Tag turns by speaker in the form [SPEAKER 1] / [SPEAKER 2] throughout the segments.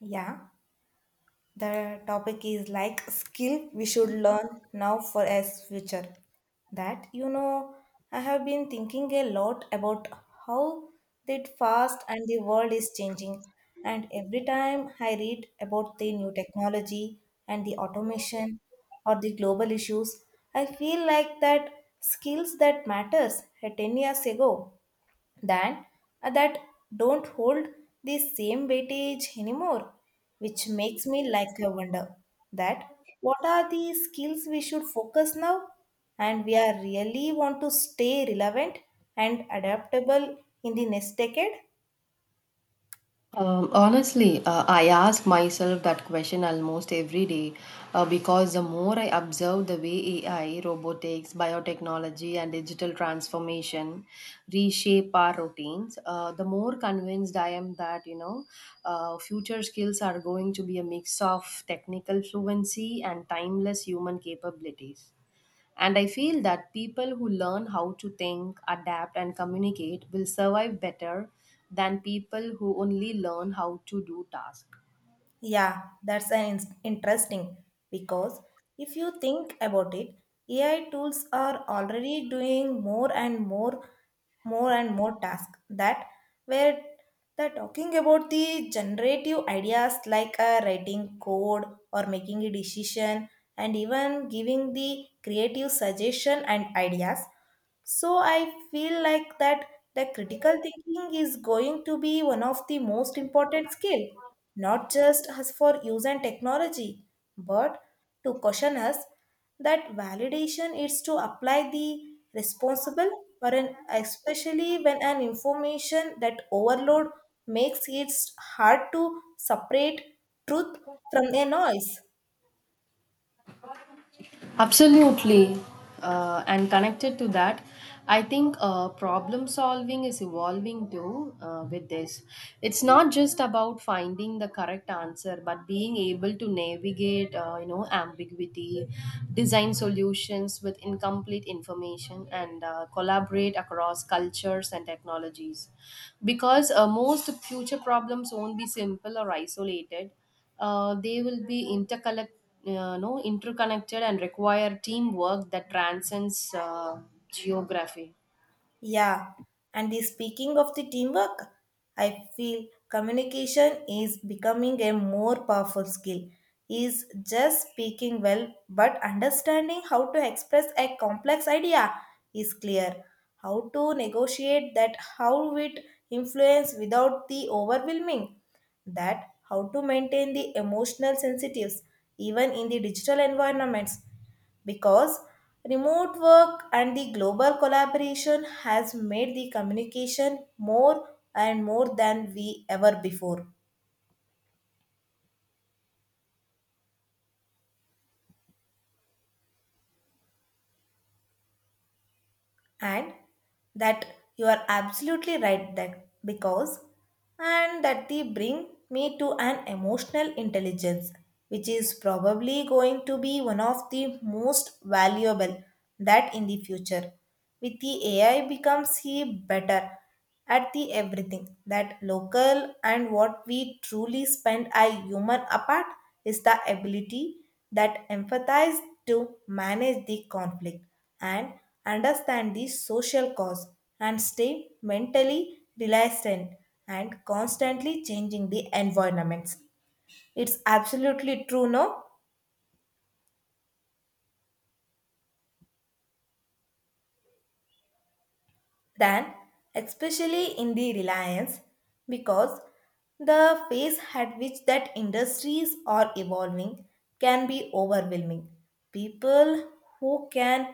[SPEAKER 1] Yeah, the topic is like skill we should learn now for as future. That I have been thinking a lot about how that fast and the world is changing. And every time I read about the new technology and the automation or the global issues, I feel like that skills that matters 10 years ago than that don't hold the same weightage anymore, which makes me like a wonder that what are the skills we should focus now, and we are really want to stay relevant and adaptable in the next decade.
[SPEAKER 2] Honestly, I ask myself that question almost every day because the more I observe the way AI, robotics, biotechnology, and digital transformation reshape our routines, the more convinced I am that future skills are going to be a mix of technical fluency and timeless human capabilities. And I feel that people who learn how to think, adapt, and communicate will survive better than people who only learn how to do tasks.
[SPEAKER 1] Yeah, that's an interesting because if you think about it, AI tools are already doing more and more tasks that where they're talking about the generative ideas like writing code or making a decision and even giving the creative suggestion and ideas. So I feel like that the critical thinking is going to be one of the most important skill, not just us for use and technology, but to caution us that validation is to apply the responsible or an especially when an information that overload makes it hard to separate truth from a noise.
[SPEAKER 2] Absolutely. And connected to that, I think problem solving is evolving too with this. It's not just about finding the correct answer, but being able to navigate, you know, ambiguity, design solutions with incomplete information, and collaborate across cultures and technologies. Because most future problems won't be simple or isolated they will be intercollect, no, interconnected and require teamwork that transcends geography.
[SPEAKER 1] Yeah, and the speaking of the teamwork, I feel communication is becoming a more powerful skill. Is just speaking well, but understanding how to express a complex idea is clear. How to negotiate that, how it influence without the overwhelming, that how to maintain the emotional sensitives even in the digital environments, because remote work and the global collaboration has made the communication more and more than we ever before. And that you are absolutely right that, because and that they bring me to an emotional intelligence which is probably going to be one of the most valuable that in the future with the AI becomes he better at the everything that local. And what we truly spend a human apart is the ability that empathize to manage the conflict and understand the social cause and stay mentally resilient and constantly changing the environments. It's absolutely true, no? Than especially in the reliance, because the pace at which that industries are evolving can be overwhelming. People who can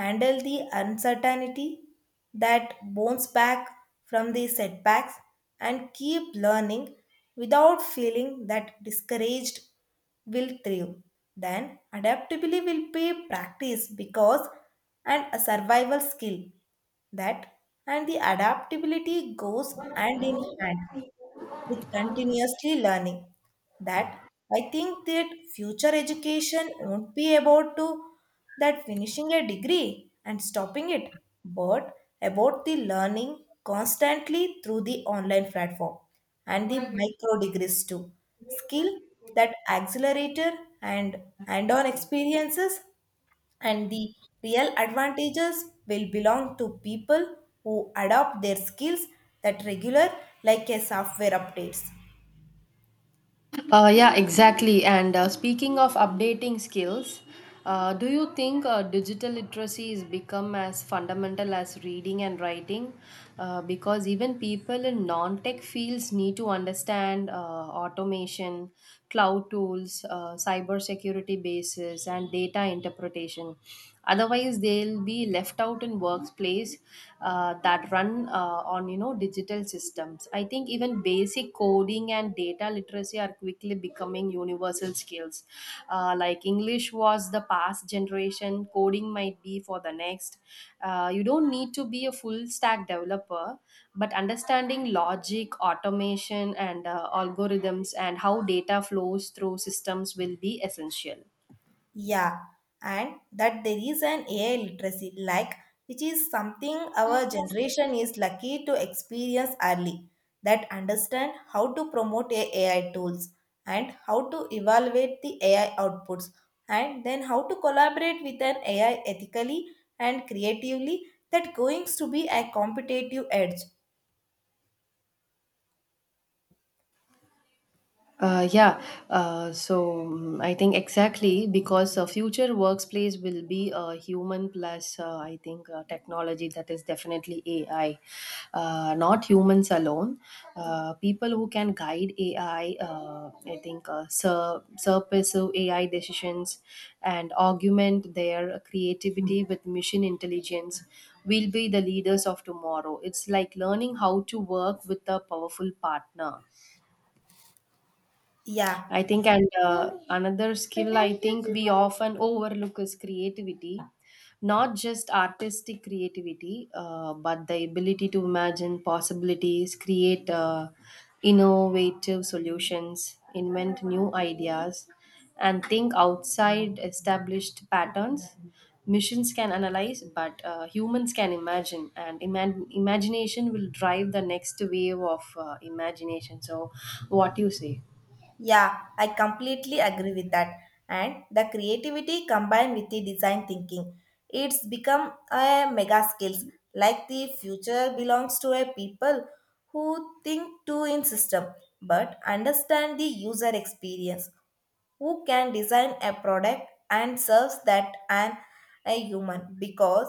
[SPEAKER 1] handle the uncertainty, that bounce back from the setbacks and keep learning without feeling that discouraged, will thrive. Then adaptability will be practiced because and a survival skill, that and the adaptability goes hand in hand with continuously learning. That I think that future education won't be about to that finishing a degree and stopping it, but about the learning constantly through the online platform and the micro degrees too. Skill that accelerator and hand-on experiences, and the real advantages will belong to people who adopt their skills that regular, like a software updates.
[SPEAKER 2] Yeah, exactly. And speaking of updating skills, do you think digital literacy is become as fundamental as reading and writing? Because even people in non-tech fields need to understand automation, cloud tools, cybersecurity bases, and data interpretation. Otherwise, they'll be left out in workplace that run on digital systems. I think even basic coding and data literacy are quickly becoming universal skills. Like English was the past generation, coding might be for the next. You don't need to be a full stack developer, but understanding logic, automation, and algorithms and how data flows through systems will be essential.
[SPEAKER 1] Yeah, and that there is an AI literacy like, which is something our generation is lucky to experience early, that understand how to promote a AI tools and how to evaluate the AI outputs and then how to collaborate with an AI ethically and creatively, that going to be a competitive edge.
[SPEAKER 2] Yeah, so I think exactly because a future workplace will be a human plus, I think, technology that is definitely AI, not humans alone. People who can guide AI, I think, surface of AI decisions and augment their creativity with machine intelligence will be the leaders of tomorrow. It's like learning how to work with a powerful partner,
[SPEAKER 1] Yeah.
[SPEAKER 2] I think. And another skill I think we often overlook is creativity, not just artistic creativity, but the ability to imagine possibilities, create innovative solutions, invent new ideas, and think outside established patterns. Machines can analyze, but humans can imagine, and imagination will drive the next wave of imagination. So, what do you say?
[SPEAKER 1] Yeah, I completely agree with that. And the creativity combined with the design thinking, it's become a mega skills. Like the future belongs to a people who think too in system, but understand the user experience. Who can design a product and serves that an a human? Because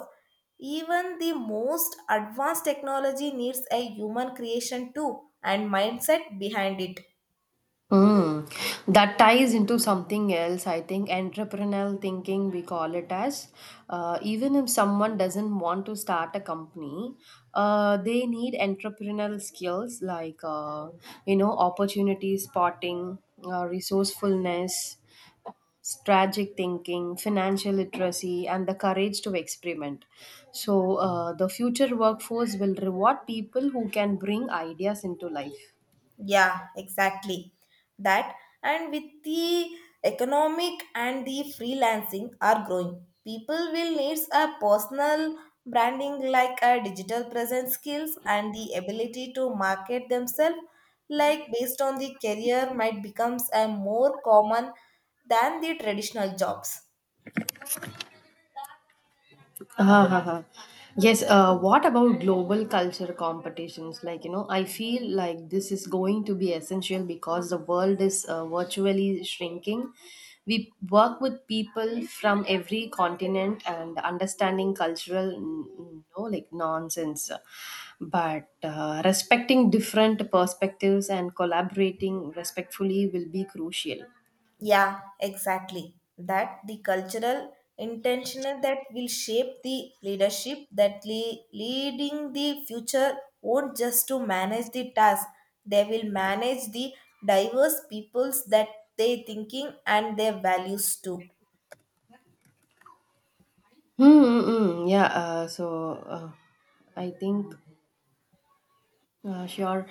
[SPEAKER 1] even the most advanced technology needs a human creation too and mindset behind it.
[SPEAKER 2] Mm. That ties into something else, I think, entrepreneurial thinking, we call it as. Even if someone doesn't want to start a company, they need entrepreneurial skills like, you know, opportunity spotting, resourcefulness, strategic thinking, financial literacy, and the courage to experiment. So, the future workforce will reward people who can bring ideas into life.
[SPEAKER 1] Yeah, exactly. That and with the economic and the freelancing are growing. People will need a personal branding like a digital presence skills and the ability to market themselves, like based on the career might becomes a more common than the traditional jobs.
[SPEAKER 2] Ah, ha, ha. Yes, what about global culture competitions? Like, you know, I feel like this is going to be essential because the world is virtually shrinking. We work with people from every continent and understanding cultural, you know, like nonsense. But respecting different perspectives and collaborating respectfully will be crucial.
[SPEAKER 1] Yeah, exactly. That the cultural intentional that will shape the leadership, that leading the future won't just to manage the task. They will manage the diverse peoples, that they thinking and their values too.
[SPEAKER 2] Mm-mm, yeah, so I think. Sure.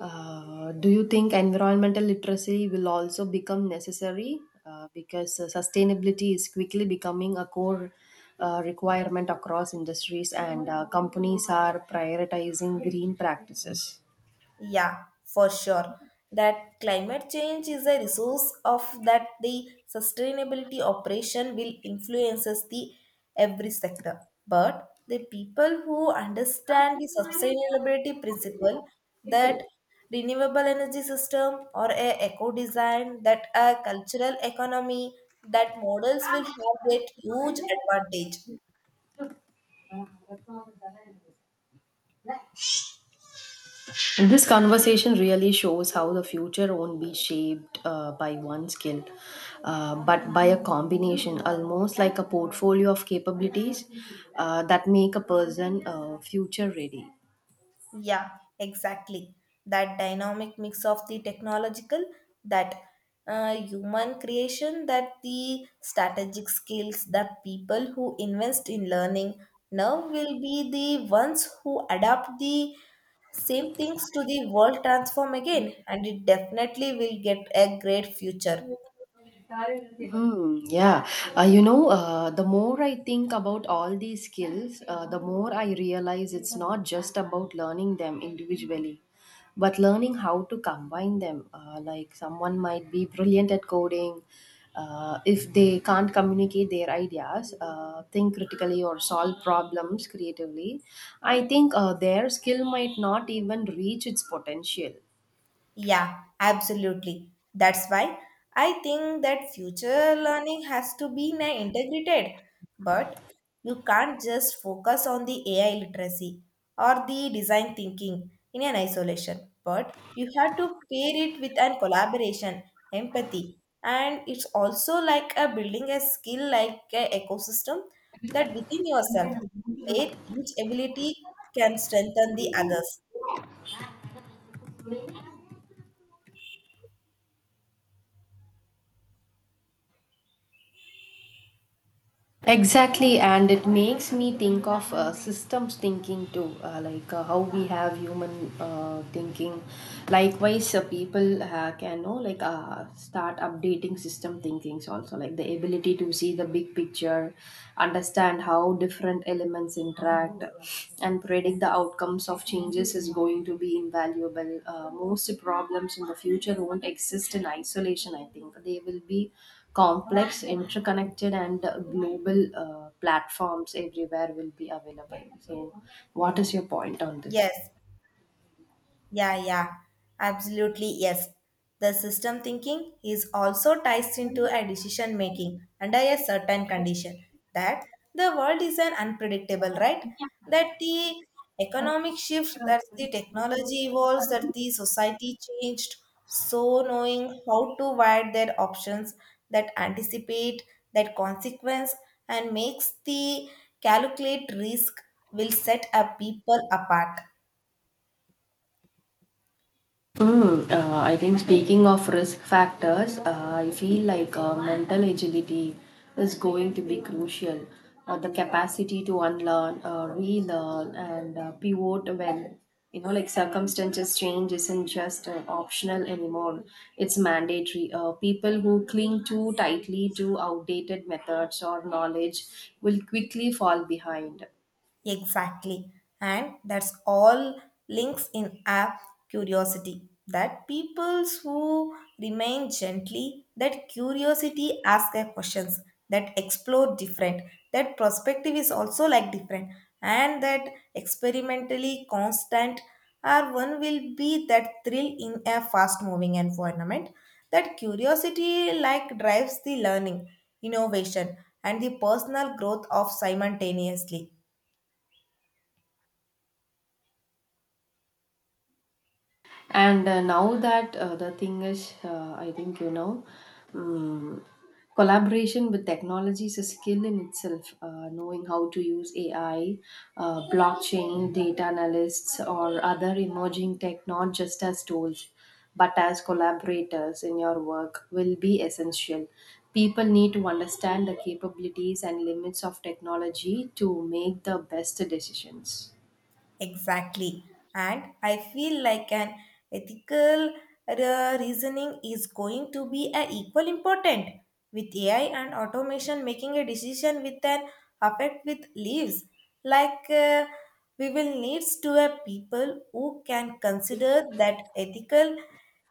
[SPEAKER 2] Do you think environmental literacy will also become necessary? Because sustainability is quickly becoming a core requirement across industries, and companies are prioritizing green practices.
[SPEAKER 1] Yeah, for sure. That climate change is a resource of that the sustainability operation will influences the every sector. But the people who understand the sustainability principle, that renewable energy system or a eco design, that a cultural economy that models will have that huge advantage.
[SPEAKER 2] This conversation really shows how the future won't be shaped by one skill, but by a combination, almost like a portfolio of capabilities that make a person future ready.
[SPEAKER 1] Yeah, exactly. That dynamic mix of the technological, that human creation, that the strategic skills, the people who invest in learning now will be the ones who adapt the same things to the world transform again, and it definitely will get a great future.
[SPEAKER 2] Hmm, yeah, the more I think about all these skills, the more I realize it's not just about learning them individually, but learning how to combine them. Like someone might be brilliant at coding, if they can't communicate their ideas, think critically, or solve problems creatively, I think their skill might not even reach its potential.
[SPEAKER 1] Yeah, absolutely. That's why I think that future learning has to be integrated. But you can't just focus on the AI literacy or the design thinking in an isolation. But you have to pair it with an collaboration, empathy, and it's also like a building a skill like a ecosystem, that within yourself, where each ability can strengthen the others.
[SPEAKER 2] Exactly, and it makes me think of systems thinking too, how we have human thinking. Likewise, people can know like start updating system thinkings also, like the ability to see the big picture, understand how different elements interact, and predict the outcomes of changes is going to be invaluable. Most problems in the future won't exist in isolation. I think they will be complex, interconnected, and global platforms everywhere will be available. So, what is your point on this?
[SPEAKER 1] Yes. Yeah, yeah, absolutely, yes. The system thinking is also ties into a decision making under a certain condition, that the world is an unpredictable, right? That the economic shift, that the technology evolves, that the society changed. So knowing how to write their options, that anticipate that consequence and makes the calculate risk, will set a people apart.
[SPEAKER 2] I think speaking of risk factors, I feel like mental agility is going to be crucial. The capacity to unlearn, relearn, and pivot when you know, like circumstances change, isn't just optional anymore. It's mandatory. People who cling too tightly to outdated methods or knowledge will quickly fall behind.
[SPEAKER 1] Exactly. And that's all links in app curiosity. That peoples who remain gently, that curiosity ask their questions, that explore different, that perspective is also like different, and that experimentally constant are one, will be that thrill in a fast moving environment. That curiosity like drives the learning, innovation, and the personal growth of simultaneously.
[SPEAKER 2] And now that the thing is I think you know um, Collaboration with technology is a skill in itself. Knowing how to use AI, blockchain data analysts or other emerging tech not just as tools but as collaborators in your work will be essential. People need to understand the capabilities and limits of technology to make the best decisions.
[SPEAKER 1] Exactly. And I feel like an ethical reasoning is going to be a equal important with AI and automation making a decision with an affect with leaves. Like we will needs to have people who can consider that ethical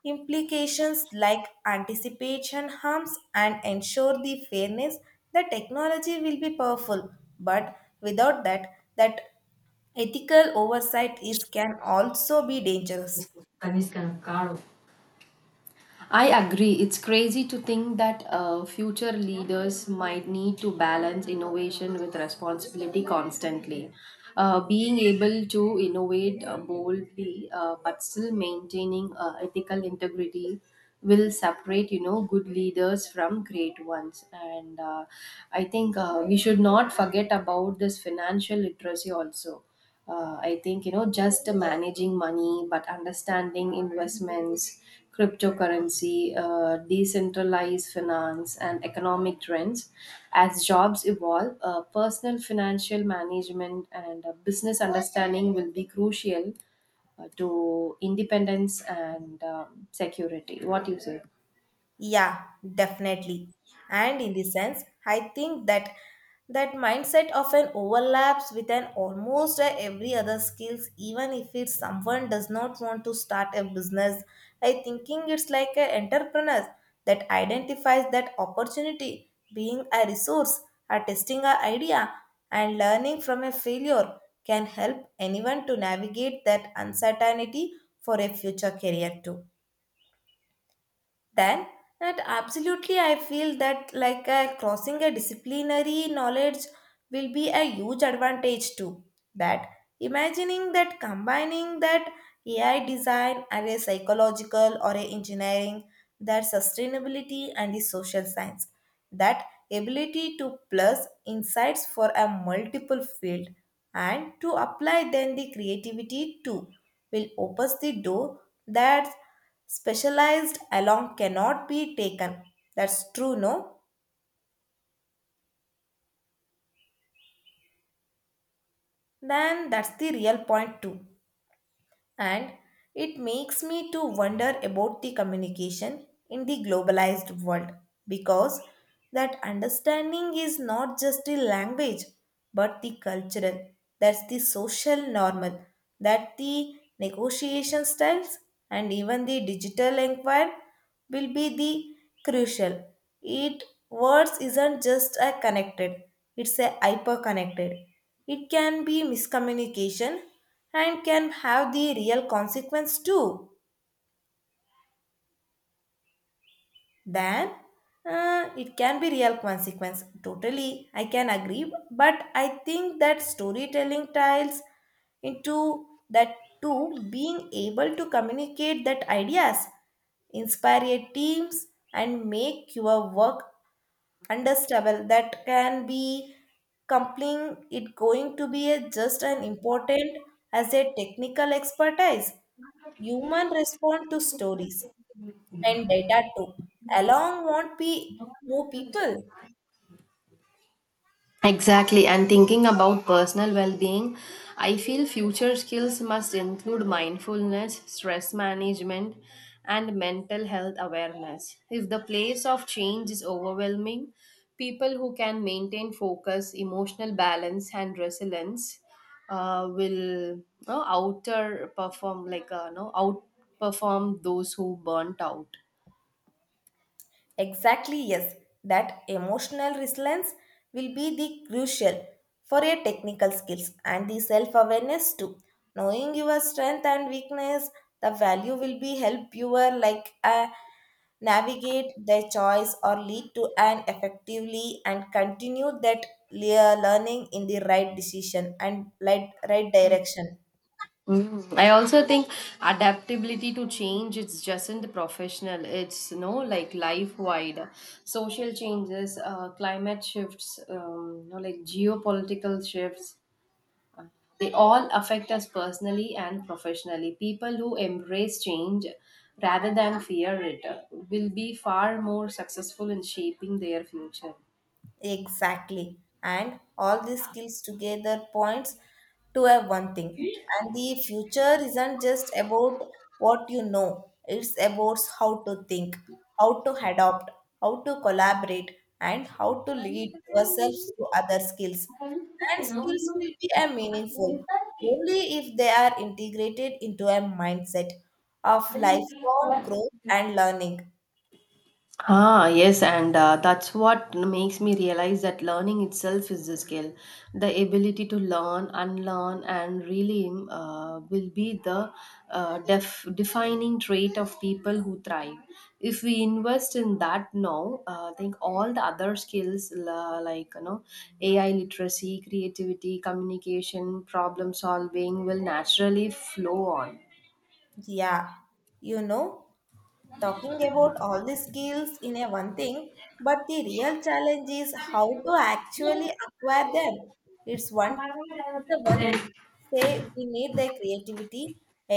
[SPEAKER 1] implications, like anticipation harms and ensure the fairness. The technology will be powerful, but without that ethical oversight is can also be dangerous.
[SPEAKER 2] I agree. It's crazy to think that future leaders might need to balance innovation with responsibility constantly. Being able to innovate boldly but still maintaining ethical integrity will separate good leaders from great ones. And I think we should not forget about this financial literacy also. I think, just managing money but understanding investments, cryptocurrency, decentralized finance and economic trends. As jobs evolve, personal financial management and business understanding will be crucial to independence and security. What do you say?
[SPEAKER 1] Yeah, definitely. And in this sense, I think that that mindset often overlaps with an almost every other skills, even if it's someone does not want to start a business. I thinking it's like an entrepreneur that identifies that opportunity, being a resource, a testing an idea, and learning from a failure, can help anyone to navigate that uncertainty for a future career too. Then that absolutely I feel that like crossing a disciplinary knowledge will be a huge advantage too. That imagining that combining that AI design and a psychological or a engineering, that sustainability and the social science, that ability to plus insights for a multiple field and to apply then the creativity too, will opens the door that specialized along cannot be taken. That's true, no? Then that's the real point, too. And it makes me to wonder about the communication in the globalized world, because that understanding is not just the language, but the cultural, that's the social normal, that the negotiation styles and even the digital inquiry will be the crucial. It words isn't just a connected, it's a hyper connected. It can be miscommunication and can have the real consequence too. Then it can be real consequence totally, I can agree. But I think that storytelling tiles into that too. Being able to communicate that ideas, inspire your teams, and make your work understandable, that can be compelling, it going to be a, just as important as a technical expertise. Human respond to stories, and data too along won't be more people.
[SPEAKER 2] Exactly, and thinking about personal well being, I feel future skills must include mindfulness, stress management, and mental health awareness. If the place of change is overwhelming, people who can maintain focus, emotional balance, and resilience will no, outer perform like no outperform those who burnt out.
[SPEAKER 1] Exactly, yes. That emotional resilience will be the crucial for your technical skills and the self awareness too. Knowing your strength and weakness, the value will be help you are like a navigate their choice or lead to an effectively, and continue that learning in the right decision and right direction.
[SPEAKER 2] Mm. I also think adaptability to change it's just in the professional it's no like life wide social changes, climate shifts, geopolitical shifts. They all affect us personally and professionally. People who embrace change rather than fear it will be far more successful in shaping their future.
[SPEAKER 1] Exactly. And all these skills together points to a one thing. And the future isn't just about what you know, it's about how to think, how to adapt, how to collaborate, and how to lead yourselves to other skills. And skills will be a meaningful only if they are integrated into a mindset of lifelong growth and learning.
[SPEAKER 2] Ah, yes, and that's what makes me realize that learning itself is the skill. The ability to learn, unlearn, and relearn will be the defining trait of people who thrive. If we invest in that now, I think all the other skills, AI literacy, creativity, communication, problem solving, will naturally flow on.
[SPEAKER 1] Yeah, you know. Talking about all the skills in a one thing, but the real challenge is how to actually acquire them. It's one it's the one
[SPEAKER 2] Then,
[SPEAKER 1] thing to say we need the creativity,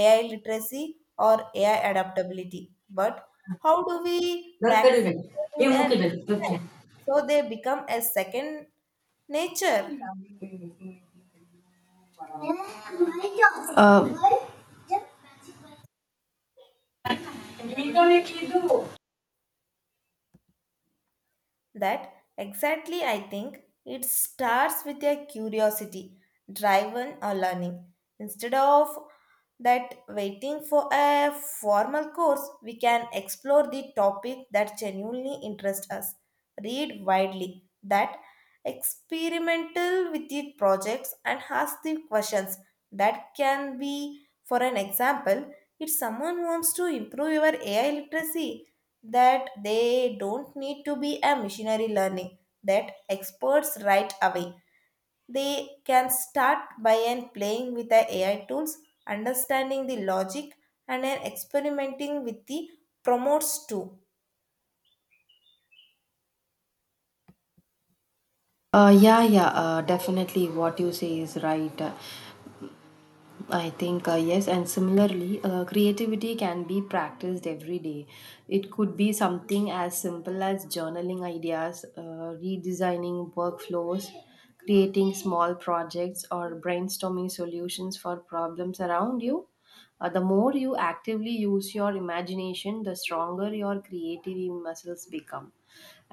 [SPEAKER 1] AI literacy, or AI adaptability. But how do we
[SPEAKER 2] the career.
[SPEAKER 1] practice them in
[SPEAKER 2] You
[SPEAKER 1] a
[SPEAKER 2] move
[SPEAKER 1] daily
[SPEAKER 2] it.
[SPEAKER 1] life so they become a second nature?
[SPEAKER 2] Uh,
[SPEAKER 1] That exactly I think it starts with a curiosity, driven or learning. Instead of that waiting for a formal course, we can explore the topic that genuinely interests us, read widely, that experimental with the projects and ask the questions, that can be, for an example, if someone wants to improve your AI literacy, that they don't need to be a missionary learning that experts right away. They can start by and playing with the AI tools, understanding the logic, and then experimenting with the promotes too.
[SPEAKER 2] Yeah, yeah, definitely what you say is right. I think, yes, and similarly, creativity can be practiced every day. It could be something as simple as journaling ideas, redesigning workflows, creating small projects, or brainstorming solutions for problems around you. The more you actively use your imagination, the stronger your creative muscles become.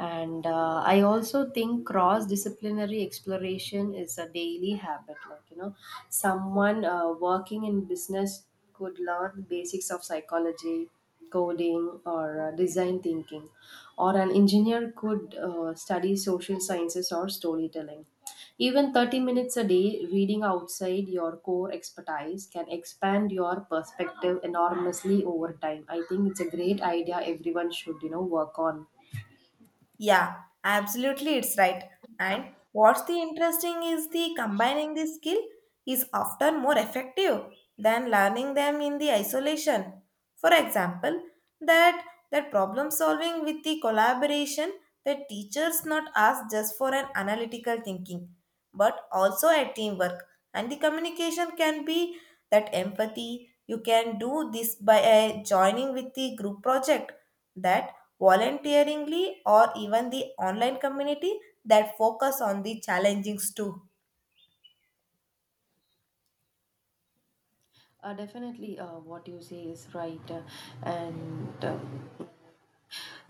[SPEAKER 2] And I also think cross disciplinary exploration is a daily habit, someone working in business could learn the basics of psychology, coding, or design thinking, or an engineer could study social sciences or storytelling. Even 30 minutes a day reading outside your core expertise can expand your perspective enormously over time. I think it's a great idea everyone should work on.
[SPEAKER 1] Yeah, absolutely, it's right. And what's the interesting is the combining the skill is often more effective than learning them in the isolation. For example, that that problem solving with the collaboration the teachers not ask just for an analytical thinking but also a teamwork and the communication can be that empathy you can do this by joining with the group project that volunteeringly or even the online community that focus on the challengings too.
[SPEAKER 2] Definitely, what you say is right. And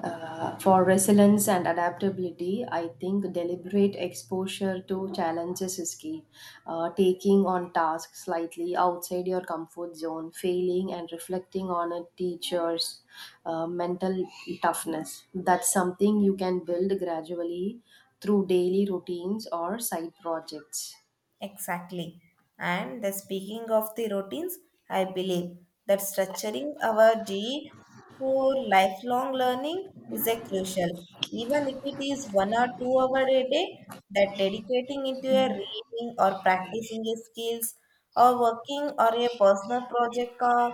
[SPEAKER 2] For resilience and adaptability, I think deliberate exposure to challenges is key. Taking on tasks slightly outside your comfort zone, failing and reflecting on a teacher's mental toughness. That's something you can build gradually through daily routines or side projects.
[SPEAKER 1] Exactly. And the speaking of the routines, I believe that structuring our day for lifelong learning is a crucial. Even if it is 1 or 2 hour a day, that dedicating into a reading or practicing a skills or working or a personal project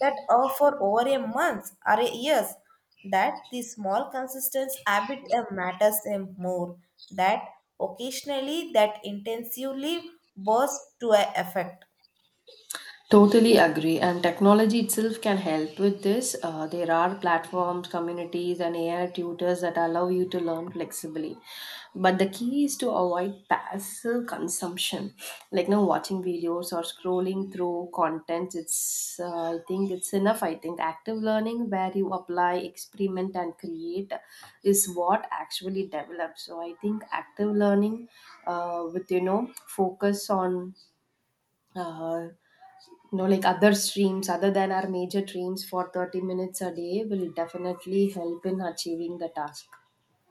[SPEAKER 1] that are for over a month or a years, that the small consistent habit matters more. That occasionally that intensively bursts to a effect.
[SPEAKER 2] Totally agree, and technology itself can help with this. There are platforms, communities, and AI tutors that allow you to learn flexibly. But the key is to avoid passive consumption, like no watching videos or scrolling through content. It's I think it's enough. I think active learning, where you apply, experiment, and create, is what actually develops. So I think active learning, with you know focus on. Uh, Other streams other than our major dreams for 30 minutes a day will definitely help in achieving the task.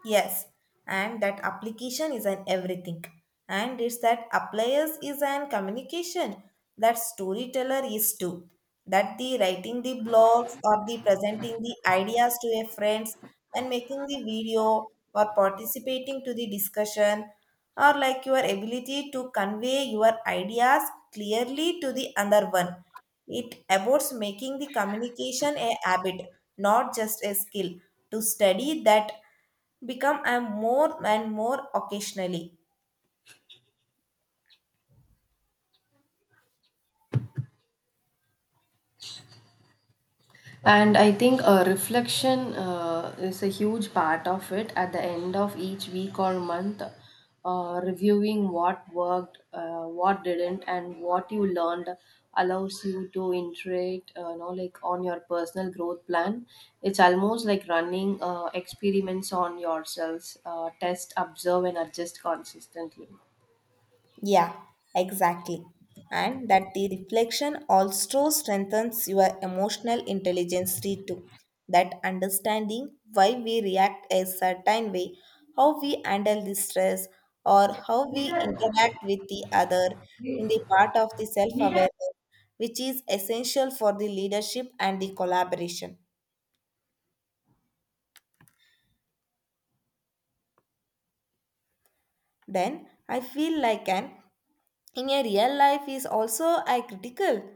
[SPEAKER 1] Yes, and that application is an everything. And it's that appliers is an communication that storyteller is too. That the writing the blogs or the presenting the ideas to a friends and making the video or participating to the discussion or like your ability to convey your ideas clearly to the other one. It about making the communication a habit, not just a skill. To study that become a more and more occasionally.
[SPEAKER 2] And I think reflection is a huge part of it. At the end of each week or month, reviewing what worked, what didn't and what you learned, allows you to iterate, on your personal growth plan. It's almost like running experiments on yourselves, test, observe, and adjust consistently.
[SPEAKER 1] Yeah, exactly. And that the reflection also strengthens your emotional intelligence too. That understanding why we react a certain way, how we handle the stress, or how we interact with the other in the part of the self awareness, which is essential for the leadership and the collaboration. Then I feel like an in a real life is also a critical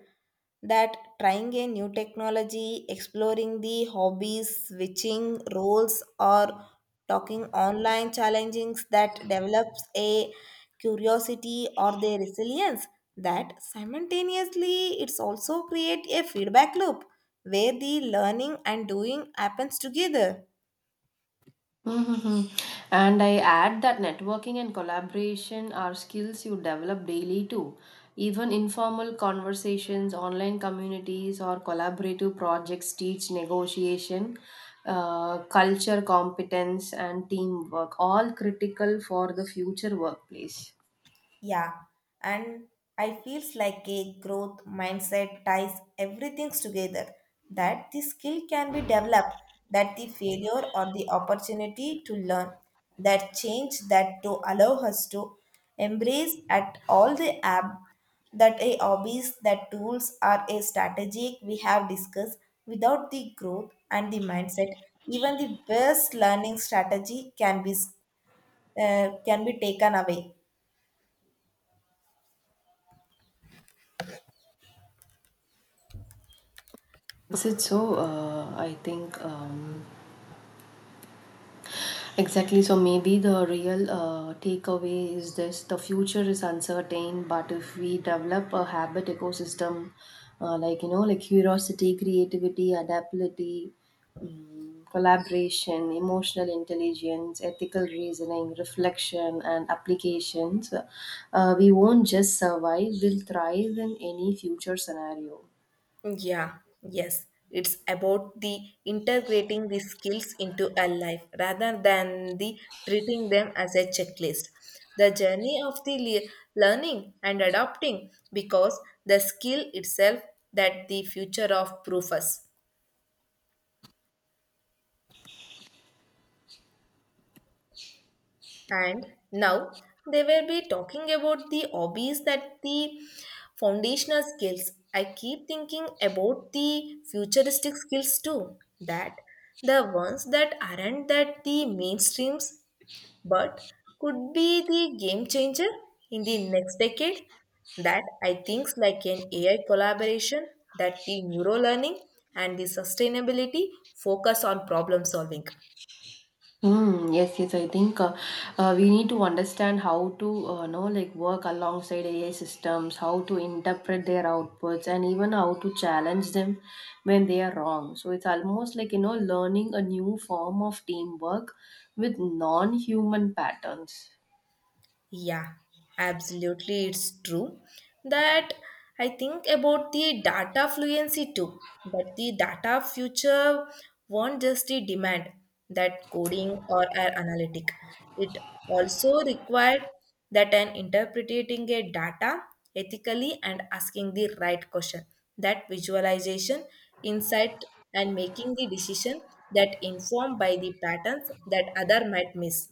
[SPEAKER 1] that trying a new technology exploring the hobbies switching roles or talking online challengings that develops a curiosity or their resilience that simultaneously it's also create a feedback loop where the learning and doing happens together.
[SPEAKER 2] Mhm. And I add that networking and collaboration are skills you develop daily too. Even informal conversations, online communities, or collaborative projects teach negotiation, culture, competence, and teamwork, all critical for the future workplace.
[SPEAKER 1] Yeah, and I feels like a growth mindset ties everything together. That the skill can be developed, that the failure or the opportunity to learn, that change that to allow us to embrace at all the app, that a hobbies, that tools are a strategic we have discussed. Without the growth and the mindset, even the best learning strategy can be taken away.
[SPEAKER 2] Is it so? I think. Exactly. So maybe the real takeaway is this: the future is uncertain, but if we develop a habit ecosystem, curiosity, creativity, adaptability, mm collaboration, emotional intelligence, ethical reasoning, reflection, and applications, we won't just survive, we'll thrive in any future scenario.
[SPEAKER 1] Yeah, yes. It's about the integrating the skills into a life rather than the treating them as a checklist. The journey of learning and adopting because the skill itself that the future of proof us. And now they will be talking about the hobbies that the foundational skills. I keep thinking about the futuristic skills too, that the ones that aren't that the mainstreams but could be the game changer in the next decade. That I think like an AI collaboration, that the neuro learning and the sustainability focus on problem solving.
[SPEAKER 2] Mm, yes, yes. I think we need to understand how to know like work alongside AI systems, how to interpret their outputs, and even how to challenge them when they are wrong. So it's almost like learning a new form of teamwork with non-human patterns.
[SPEAKER 1] Yeah, absolutely. It's true that I think about the data fluency too, that the data future won't just the demand that coding or are analytic. It also required that an interpreting a data ethically and asking the right question, that visualization, insight, and making the decision that informed by the patterns that other might miss.